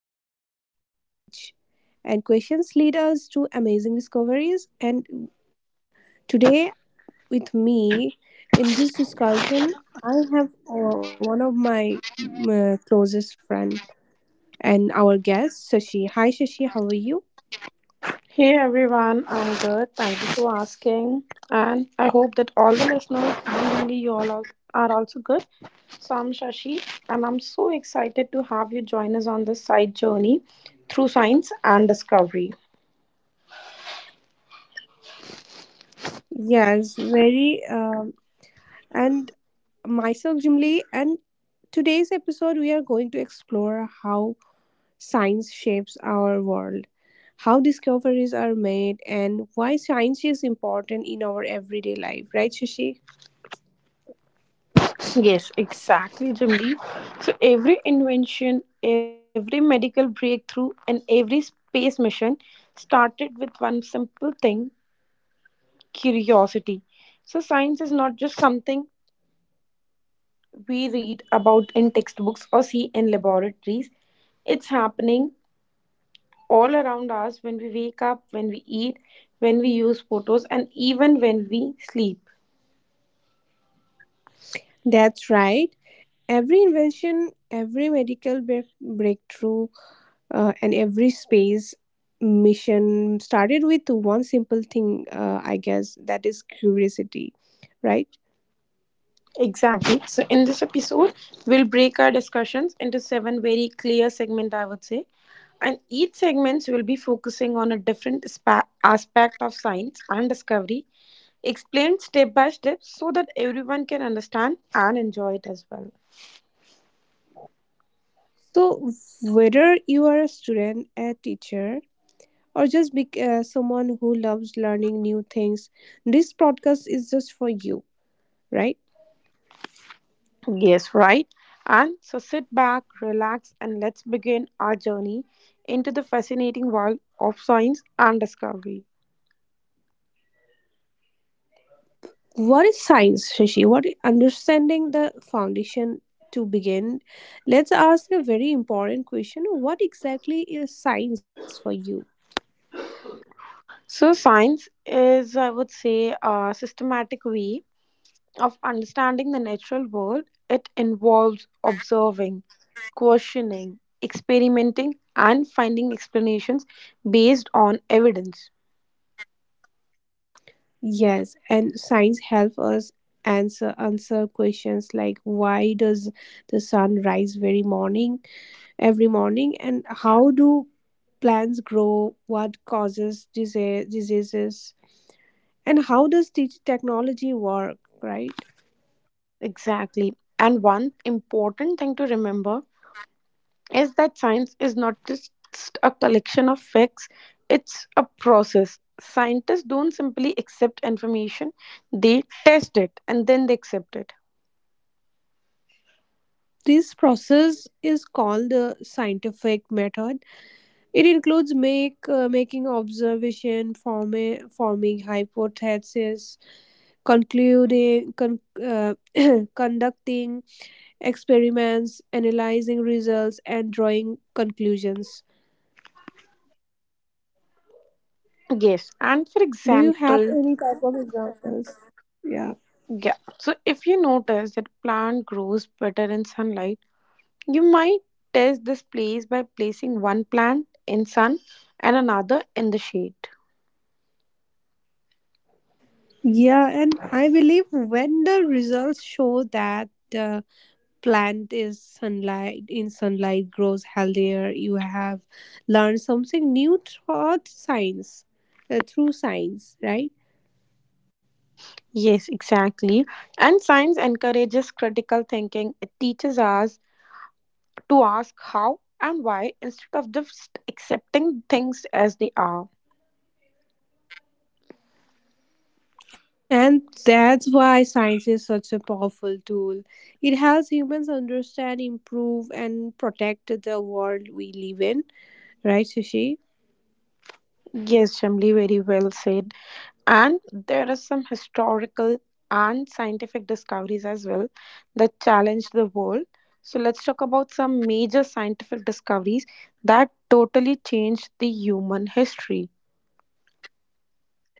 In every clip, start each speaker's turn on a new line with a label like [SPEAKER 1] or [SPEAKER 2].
[SPEAKER 1] curiosity meets knowledge and questions lead us to amazing discoveries. And today, with me in this discussion, I have one of my closest friend and our guest, Sashi. Hi Sashi, how are you?
[SPEAKER 2] Hey everyone, I'm good. Thank you for asking. And I hope that all the listeners and only you all are also good. So I'm Shashi and I'm so excited to have you join us on this side journey through science and discovery.
[SPEAKER 1] Yes, very. And myself, Jimli, and today's episode we are going to explore how science shapes our world, how discoveries are made, and why science is important in our everyday life, right, Shashi?
[SPEAKER 2] Yes, exactly, Jimli. So every invention, every medical breakthrough, and every space mission started with one simple thing: curiosity. So science is not just something we read about in textbooks or see in laboratories. It's happening all around us when we wake up, when we eat, when we use photos, and even when we sleep.
[SPEAKER 1] That's right. Every invention, every medical breakthrough, and every space mission started with one simple thing, I guess, that is curiosity, right?
[SPEAKER 2] Exactly. So, in this episode, we'll break our discussions into seven very clear segments, I would say. And each segment will be focusing on a different aspect of science and discovery, explained step by step so that everyone can understand and enjoy it as well.
[SPEAKER 1] So, whether you are a student, a teacher, or just be someone who loves learning new things, this podcast is just for you, right?
[SPEAKER 2] Yes, right. And so sit back, relax, and let's begin our journey into the fascinating world of science and discovery.
[SPEAKER 1] What is science, Shashi? Understanding the foundation to begin? Let's ask a very important question. What exactly is science for you?
[SPEAKER 2] So, science is, I would say, a systematic way of understanding the natural world. It involves observing, questioning, experimenting, and finding explanations based on evidence.
[SPEAKER 1] Yes, and science helps us answer questions like why does the sun rise very morning every morning, and how do plants grow, what causes diseases, and how does teach technology work, right?
[SPEAKER 2] Exactly. And one important thing to remember is that science is not just a collection of facts, it's a process. Scientists don't simply accept information, they test it and then they accept it.
[SPEAKER 1] This process is called the scientific method. It includes make making observation, forming hypothesis, concluding con- uh, conducting experiments, analyzing results, and drawing conclusions.
[SPEAKER 2] Yes, and for
[SPEAKER 1] Do you have
[SPEAKER 2] example,
[SPEAKER 1] any type of examples? Yeah.
[SPEAKER 2] yeah, so if you notice that plant grows better in sunlight, you might test this place by placing one plant in sun and another in the shade.
[SPEAKER 1] Yeah, and I believe when the results show that uh, plant is sunlight in sunlight grows healthier, you have learned something new through science, through science, right?
[SPEAKER 2] Yes, exactly. And science encourages critical thinking. It teaches us to ask how and why instead of just accepting things as they are.
[SPEAKER 1] And that's why science is such a powerful tool. It helps humans understand, improve, and protect the world we live in, right, Shashi?
[SPEAKER 2] Yes, Shamli, very well said. And there are some historical and scientific discoveries as well that challenge the world. So let's talk about some major scientific discoveries that totally changed the human history.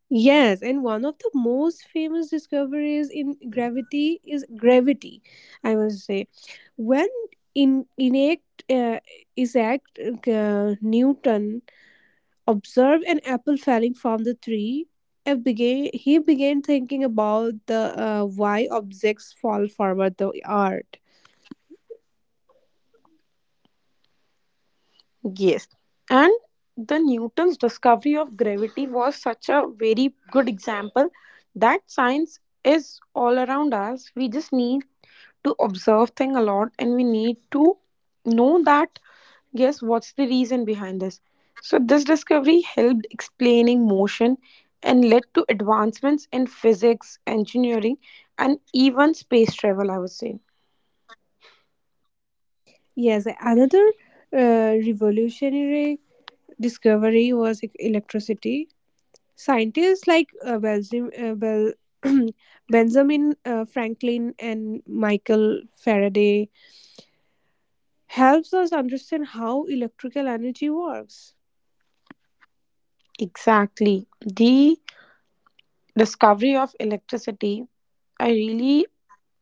[SPEAKER 1] Yes, and one of the most famous discoveries in gravity is gravity, I must say. When in Isaac, uh, Isaac Newton observed an apple falling from the tree, he began thinking about the why objects fall forward the earth.
[SPEAKER 2] Yes. And the Newton's discovery of gravity was such a very good example that science is all around us. We just need to observe thing a lot, and we need to know that, yes, what's the reason behind this. So this discovery helped explaining motion and led to advancements in physics, engineering, and even space travel, I would say.
[SPEAKER 1] Yes, another revolutionary discovery was electricity. Scientists like Benjamin Franklin and Michael Faraday helps us understand how electrical energy works.
[SPEAKER 2] Exactly. The discovery of electricity, I really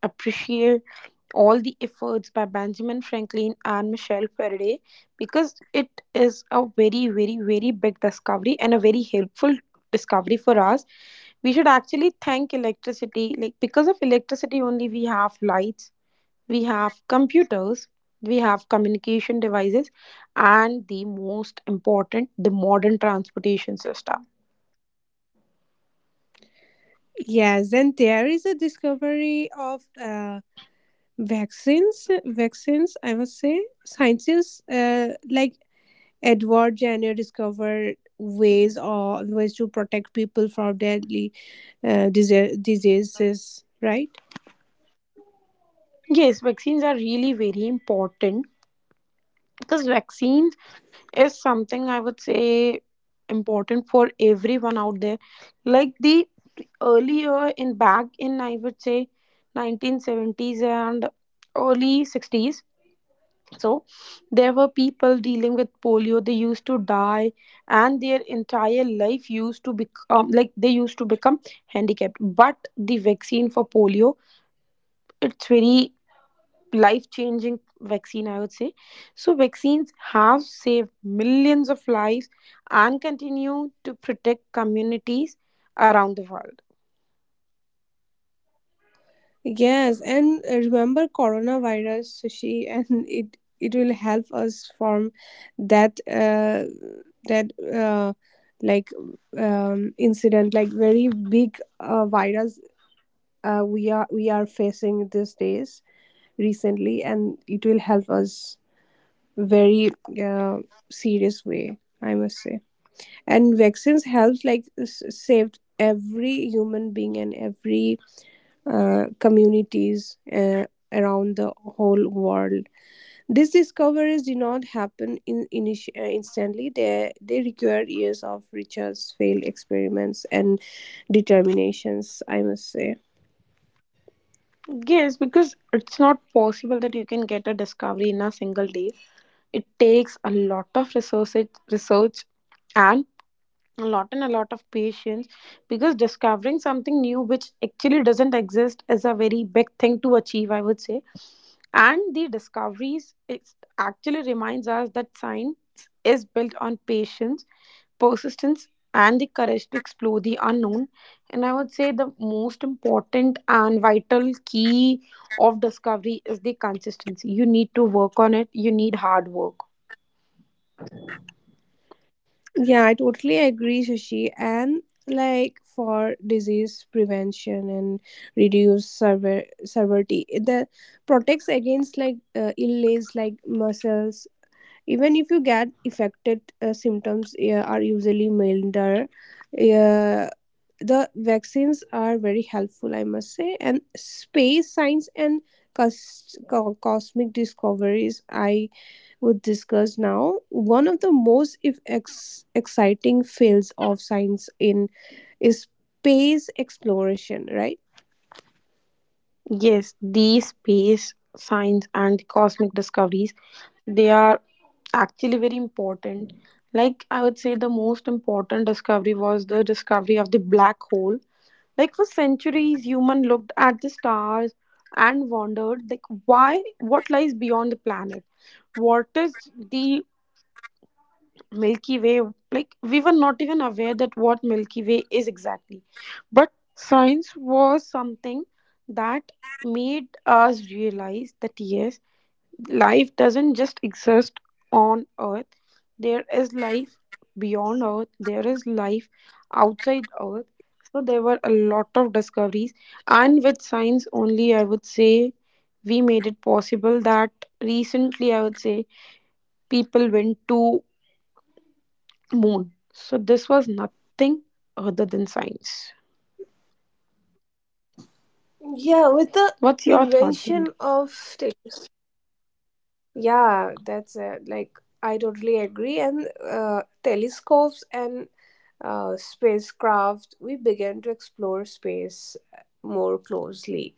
[SPEAKER 2] appreciate all the efforts by Benjamin Franklin and Michelle Faraday, because it is a very, very, very big discovery and a very helpful discovery for us. We should actually thank electricity. Like, because of electricity, only we have lights, we have computers, we have communication devices, and the most important, the modern transportation system.
[SPEAKER 1] Yes, and there is a discovery of vaccines. Vaccines, I must say, scientists like Edward Jenner discovered ways to protect people from deadly diseases, right?
[SPEAKER 2] Yes, vaccines are really very important, because vaccines is something, I would say, important for everyone out there. Like, the earlier in back in, I would say, 1970s and early 60s, so there were people dealing with polio, they used to die, and their entire life used to become, like they used to become handicapped. But the vaccine for polio, it's very life changing vaccine, I would say. So, vaccines have saved millions of lives and continue to protect communities around the world.
[SPEAKER 1] Yes, and remember coronavirus, Sushi, and it will help us form that that like incident, like very big virus we are facing these days recently, and it will help us very uh, serious way, I must say. And vaccines helps like saved every human being and every communities around the whole world. These discoveries did not happen instantly. They require years of research, failed experiments, and determinations, I must say.
[SPEAKER 2] Yes, because it's not possible that you can get a discovery in a single day. It takes a lot of resources, research, and and a lot of patience, because discovering something new which actually doesn't exist is a very big thing to achieve, I would say. And the discoveries, it actually reminds us that science is built on patience, persistence, and the courage to explore the unknown. And I would say the most important and vital key of discovery is the consistency. You need to work on it, you need hard work.
[SPEAKER 1] Yeah, I totally agree, Shashi. And like for disease prevention and reduce severity, the protects against like illness like muscles, even if you get affected, symptoms are usually milder. uh, the vaccines are very helpful, I must say. And space science and cosmic discoveries, I would discuss now. One of the most if ex- exciting fields of science in is space exploration, right?
[SPEAKER 2] Yes, the space science and the cosmic discoveries, they are actually very important. Like, I would say the most important discovery was the discovery of the black hole. Like, for centuries, human looked at the stars and wondered, like, why, what lies beyond the planet? What is the Milky Way? Like, we were not even aware that what Milky Way is exactly. But science was something that made us realize that, yes, life doesn't just exist on Earth, there is life beyond Earth, there is life outside Earth. So there were a lot of discoveries, and with science only, I would say, we made it possible that recently, I would say, people went to moon. So this was nothing other than science.
[SPEAKER 1] Yeah, with the
[SPEAKER 2] What's your thought, Bindi?
[SPEAKER 1] invention of. Yeah, that's it. Like, I totally agree. And telescopes and spacecraft, we began to explore space more closely,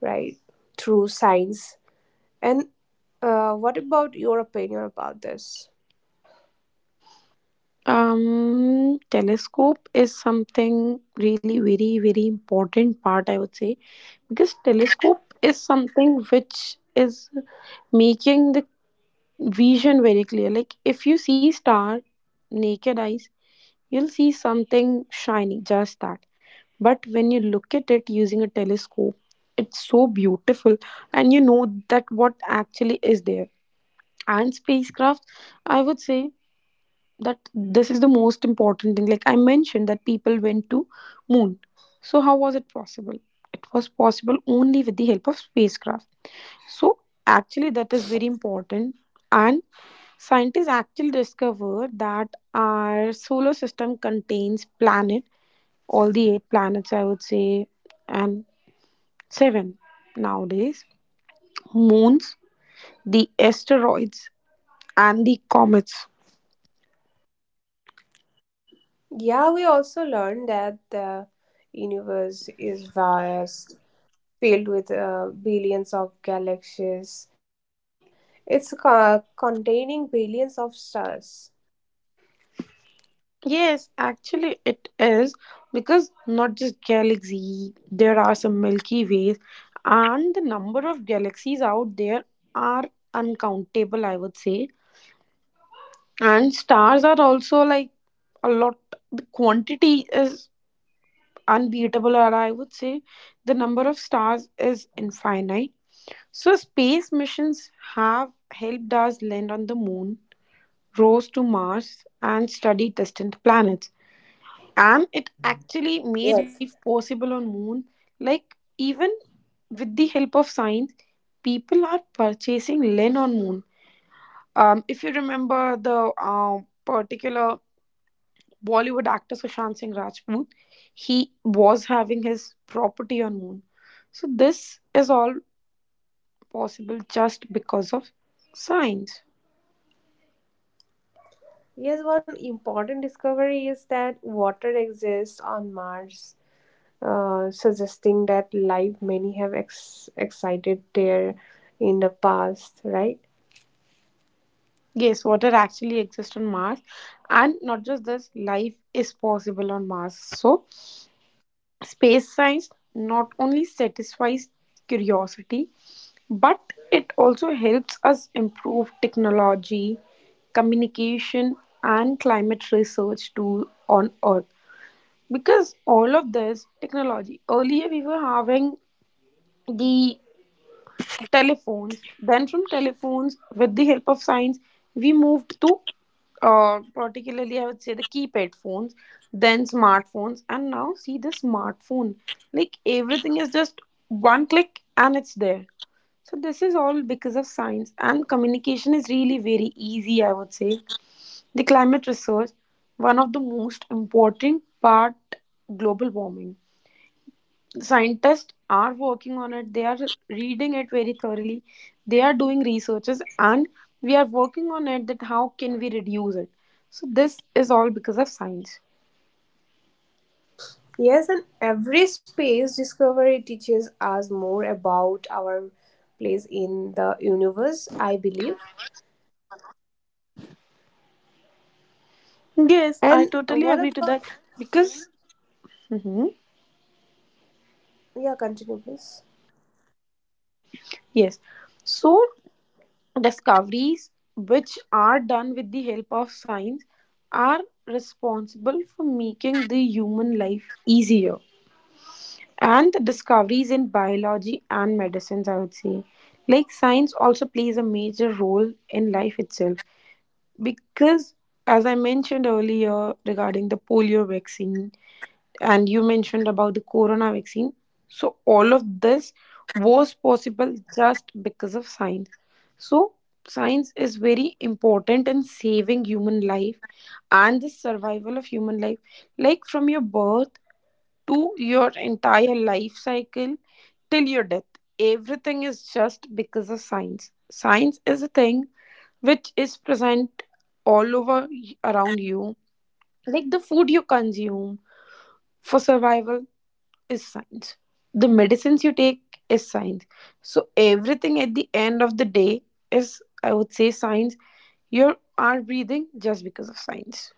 [SPEAKER 1] right? Through science. And what about your opinion about this?
[SPEAKER 2] Telescope is something really very very important part, I would say, because telescope is something which is making the vision very clear. Like, if you see star naked eyes, you'll see something shining, just that. But when you look at it using a telescope, it's so beautiful and you know that what actually is there. And spacecraft, I would say that this is the most important thing. Like I mentioned that people went to moon. So how was it possible? It was possible only with the help of spacecraft. So actually that is very important. And scientists actually discovered that our solar system contains planet, all the eight planets I would say, and seven nowadays, moons, the asteroids, and the comets.
[SPEAKER 1] Yeah, we also learned that the universe is vast, filled with billions of galaxies. Containing billions of stars.
[SPEAKER 2] Yes, actually it is, because not just galaxy, there are some Milky Ways, and the number of galaxies out there are uncountable, I would say. And stars are also like a lot, the quantity is unbeatable, or I would say the number of stars is infinite. So, space missions have helped us land on the moon, rose to Mars, and study distant planets. And it actually made
[SPEAKER 1] Yes.
[SPEAKER 2] life possible on moon. Like, even with the help of science, people are purchasing land on moon. If you remember the particular Bollywood actor Sushant Singh Rajput, he was having his property on moon. So this is all possible just because of science.
[SPEAKER 1] Yes, one important discovery is that water exists on Mars, suggesting that life many have excited there in the past, right?
[SPEAKER 2] Yes, water actually exists on Mars, and not just this, life is possible on Mars. So space science not only satisfies curiosity, but it also helps us improve technology, communication, and climate research tool on Earth. Because all of this technology earlier we were having the telephones, then from telephones with the help of science we moved to, particularly I would say, the keypad phones, then smartphones, and now see the smartphone, like everything is just one click and it's there. So this is all because of science, and communication is really very easy, I would say. The climate research, one of the most important part, global warming, scientists are working on it, they are reading it very thoroughly, they are doing researches, and we are working on it that how can we reduce it. So this is all because of science.
[SPEAKER 1] Yes, and every space discovery teaches us more about our place in the universe, I believe.
[SPEAKER 2] Yes, I
[SPEAKER 1] And
[SPEAKER 2] totally
[SPEAKER 1] what
[SPEAKER 2] agree to
[SPEAKER 1] about,
[SPEAKER 2] that. Because Mhm.
[SPEAKER 1] yeah, continue, please.
[SPEAKER 2] Yes, so discoveries which are done with the help of science are responsible for making the human life easier. And the discoveries in biology and medicines, I would say, like science also plays a major role in life itself, because as I mentioned earlier regarding the polio vaccine, and you mentioned about the corona vaccine, so all of this was possible just because of science. So science is very important in saving human life and the survival of human life, like from your birth to your entire life cycle till your death. Everything is just because of science. Science is a thing which is present all over around you. Like the food you consume for survival is science. The medicines you take is science. So everything at the end of the day is, I would say, science. You are breathing just because of science.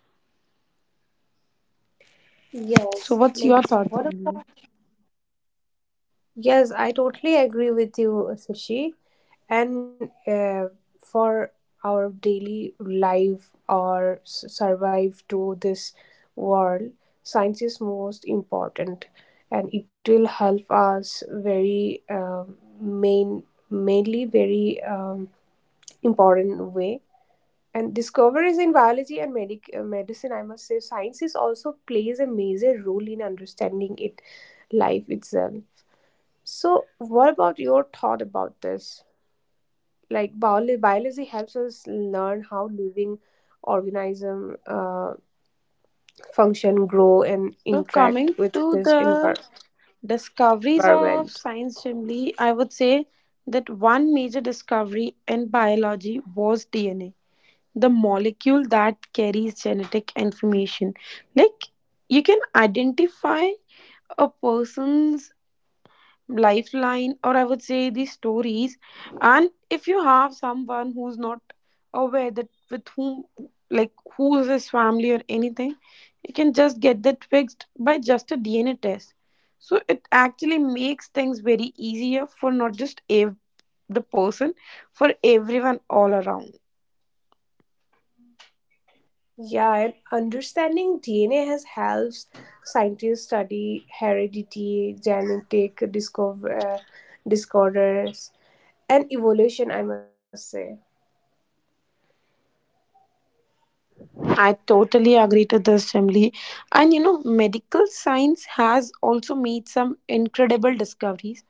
[SPEAKER 2] So what's
[SPEAKER 1] Yes,
[SPEAKER 2] your
[SPEAKER 1] like
[SPEAKER 2] thought,
[SPEAKER 1] what
[SPEAKER 2] Tanvi?
[SPEAKER 1] about, yes, I totally agree with you, Sushi. And for our daily life or survive to this world, science is most important, and it will help us very mainly very important way. And discoveries in biology and medicine, I must say, science is also plays a major role in understanding it, life itself. So what about your thought about this? Like biology helps us learn how living organisms function, grow, and
[SPEAKER 2] So
[SPEAKER 1] interact
[SPEAKER 2] coming
[SPEAKER 1] with
[SPEAKER 2] to
[SPEAKER 1] this
[SPEAKER 2] the discoveries of
[SPEAKER 1] environment.
[SPEAKER 2] science family, I would say that one major discovery in biology was DNA, the molecule that carries genetic information. Like, you can identify a person's lifeline, or I would say the stories, and if you have someone who's not aware that with whom, like who is his family or anything, you can just get that fixed by just a DNA test. So it actually makes things very easier for not just the person, for everyone all around.
[SPEAKER 1] Yeah, and understanding DNA has helps scientists study heredity, genetic disorders, and evolution, I must say.
[SPEAKER 2] I totally agree to this, Chimli. And you know, medical science has also made some incredible discoveries,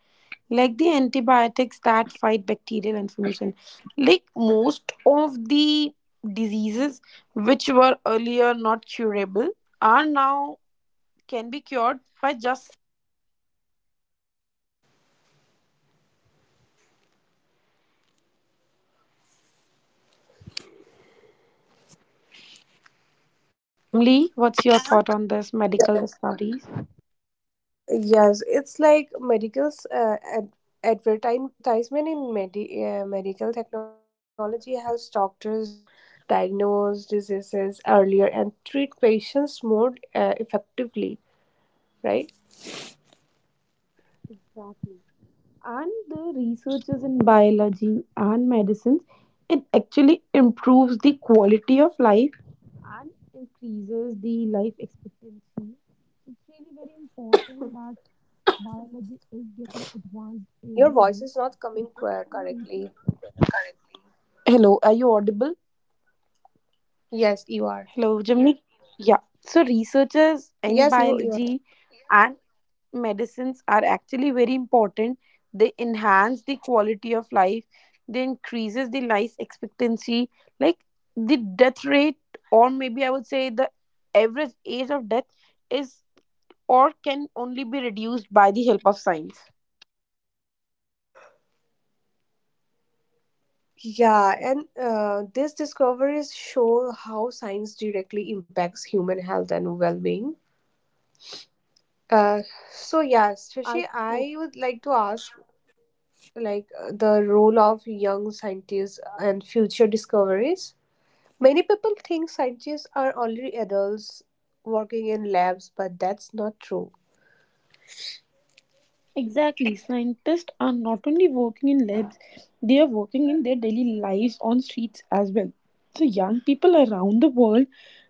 [SPEAKER 2] like the antibiotics that fight bacterial inflammation. Like most of the diseases which were earlier not curable are now can be cured by just some medicines, I would say. Jimli, what's your thought on this medical discoveries?
[SPEAKER 1] Yes, it's like medicals advertisement in medical technology helps doctors diagnose diseases earlier and treat patients more effectively, right?
[SPEAKER 2] Exactly. And the researchers in biology and medicines, it actually improves the quality of life and increases the life expectancy. It's really very important that. Biology is getting advanced every day
[SPEAKER 1] Your voice is not
[SPEAKER 2] because
[SPEAKER 1] coming
[SPEAKER 2] we're making...
[SPEAKER 1] correctly.
[SPEAKER 2] Hello, are you audible?
[SPEAKER 1] Yes, you
[SPEAKER 2] Hello,
[SPEAKER 1] are.
[SPEAKER 2] Jimmy. Yeah. So researchers in
[SPEAKER 1] Yes, you are.
[SPEAKER 2] biology and medicines are actually very important. They enhance the quality of life. They increases the life expectancy, like the death rate, or maybe I would say the average age of death is, or can only be reduced by the help of science.
[SPEAKER 1] Yeah, and these discoveries show how science directly impacts human health and well-being. Uh, so yes,
[SPEAKER 2] I...
[SPEAKER 1] Shashi, I would like to ask like the role of young scientists and future discoveries. Many people think scientists are only adults working in labs, but that's not true.
[SPEAKER 2] Exactly. Scientists are not only working in labs, they are working in their daily lives on streets as well. So, young people around the world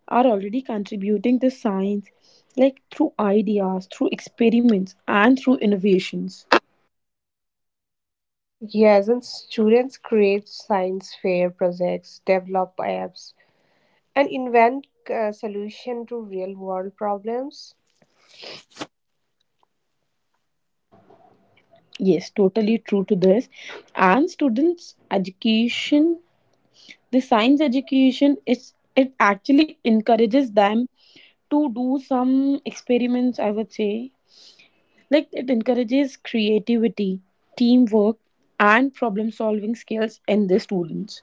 [SPEAKER 2] are already contributing to science, like through ideas, through experiments, and through innovations.
[SPEAKER 1] Yes, and students create science fair projects, develop apps, and invent solution to real world problems.
[SPEAKER 2] Yes, totally true to this. And students' education, the science education, is it actually encourages them to do some experiments, I would say. Like, it encourages creativity, teamwork, and problem solving skills in the students.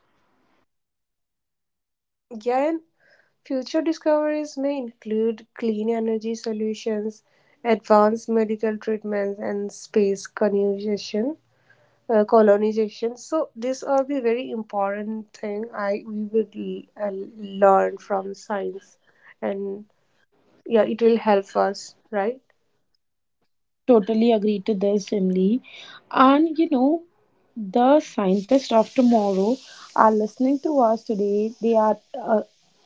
[SPEAKER 1] Yeah, and future discoveries may include clean energy solutions, advanced medical treatments, and space colonization. So these are the very important thing I learn from science, and yeah, it will help us, right?
[SPEAKER 2] Totally agree to this, Emily. And you know, the scientists of tomorrow are listening to us today. They are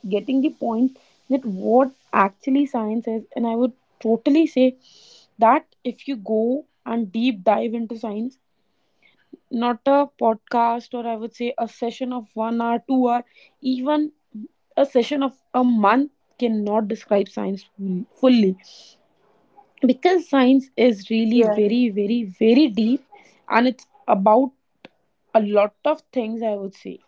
[SPEAKER 2] getting the point that what actually science is. And I would totally say that if you go and deep dive into science, not a podcast or I would say a session of 1 hour, 2 hour, even a session of a month cannot describe science fully, because science is really
[SPEAKER 1] Yeah.
[SPEAKER 2] very, very, very deep and it's about a lot of things, I would say.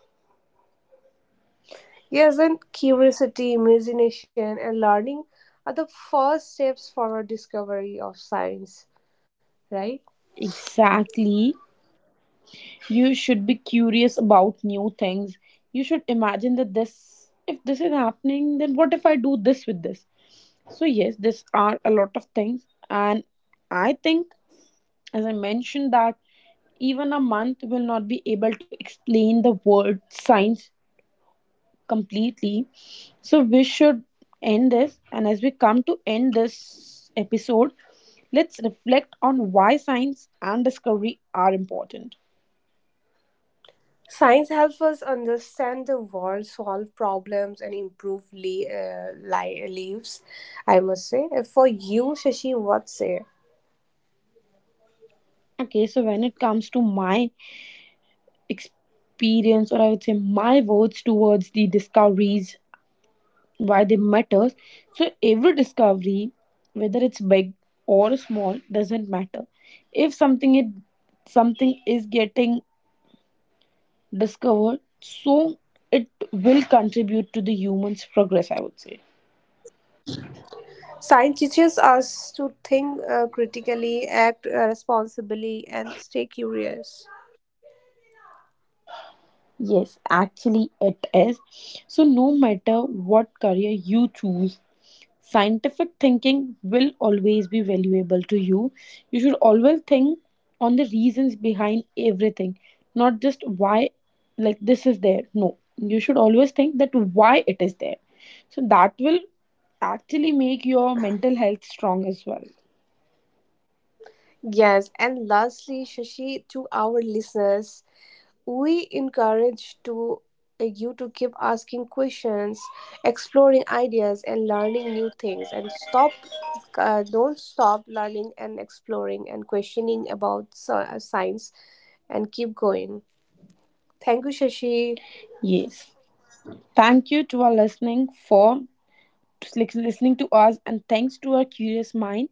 [SPEAKER 1] Yes, and curiosity, imagination, and learning are the first steps for our discovery of science, right?
[SPEAKER 2] Exactly. You should be curious about new things. You should imagine that this, if this is happening, then what if I do this with this? So, yes, this are a lot of things, and I think, as I mentioned that even a month will not be able to explain the word science completely. So we should end this, and as we come to end this episode, let's reflect on why science and discovery are important.
[SPEAKER 1] Science helps us understand the world, solve problems, and improve lives, I must say. And for you, Shashi, what's say?
[SPEAKER 2] Okay, so when it comes to my experience, or I would say my words towards the discoveries, why they matters, so every discovery, whether it's big or small, doesn't matter, if something it, something is getting discovered, so it will contribute to the human's progress, I would say.
[SPEAKER 1] Science teaches us to think critically, act responsibly, and stay curious.
[SPEAKER 2] Yes, actually, it is. So, no matter what career you choose, scientific thinking will always be valuable to you. You should always think on the reasons behind everything, not just why, like, this is there. No, you should always think that why it is there. So, that will actually make your mental health strong as well.
[SPEAKER 1] Yes, and lastly, Shashi, to our listeners, we encourage to you to keep asking questions, exploring ideas, and learning new things, and stop, don't stop learning and exploring and questioning about science, and keep going. Thank you, Shashi.
[SPEAKER 2] Yes. Thank you to our listening for listening to us, and thanks to our curious mind.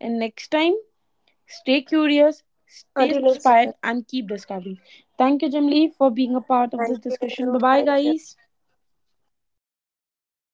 [SPEAKER 2] And next time, stay curious, stay
[SPEAKER 1] Until next
[SPEAKER 2] inspired,
[SPEAKER 1] time.
[SPEAKER 2] and keep discovering. Thank you, Jimli, for being a part of
[SPEAKER 1] Thank
[SPEAKER 2] this discussion. Bye
[SPEAKER 1] you.
[SPEAKER 2] bye,
[SPEAKER 1] Thank you.
[SPEAKER 2] guys.
[SPEAKER 1] Thank you.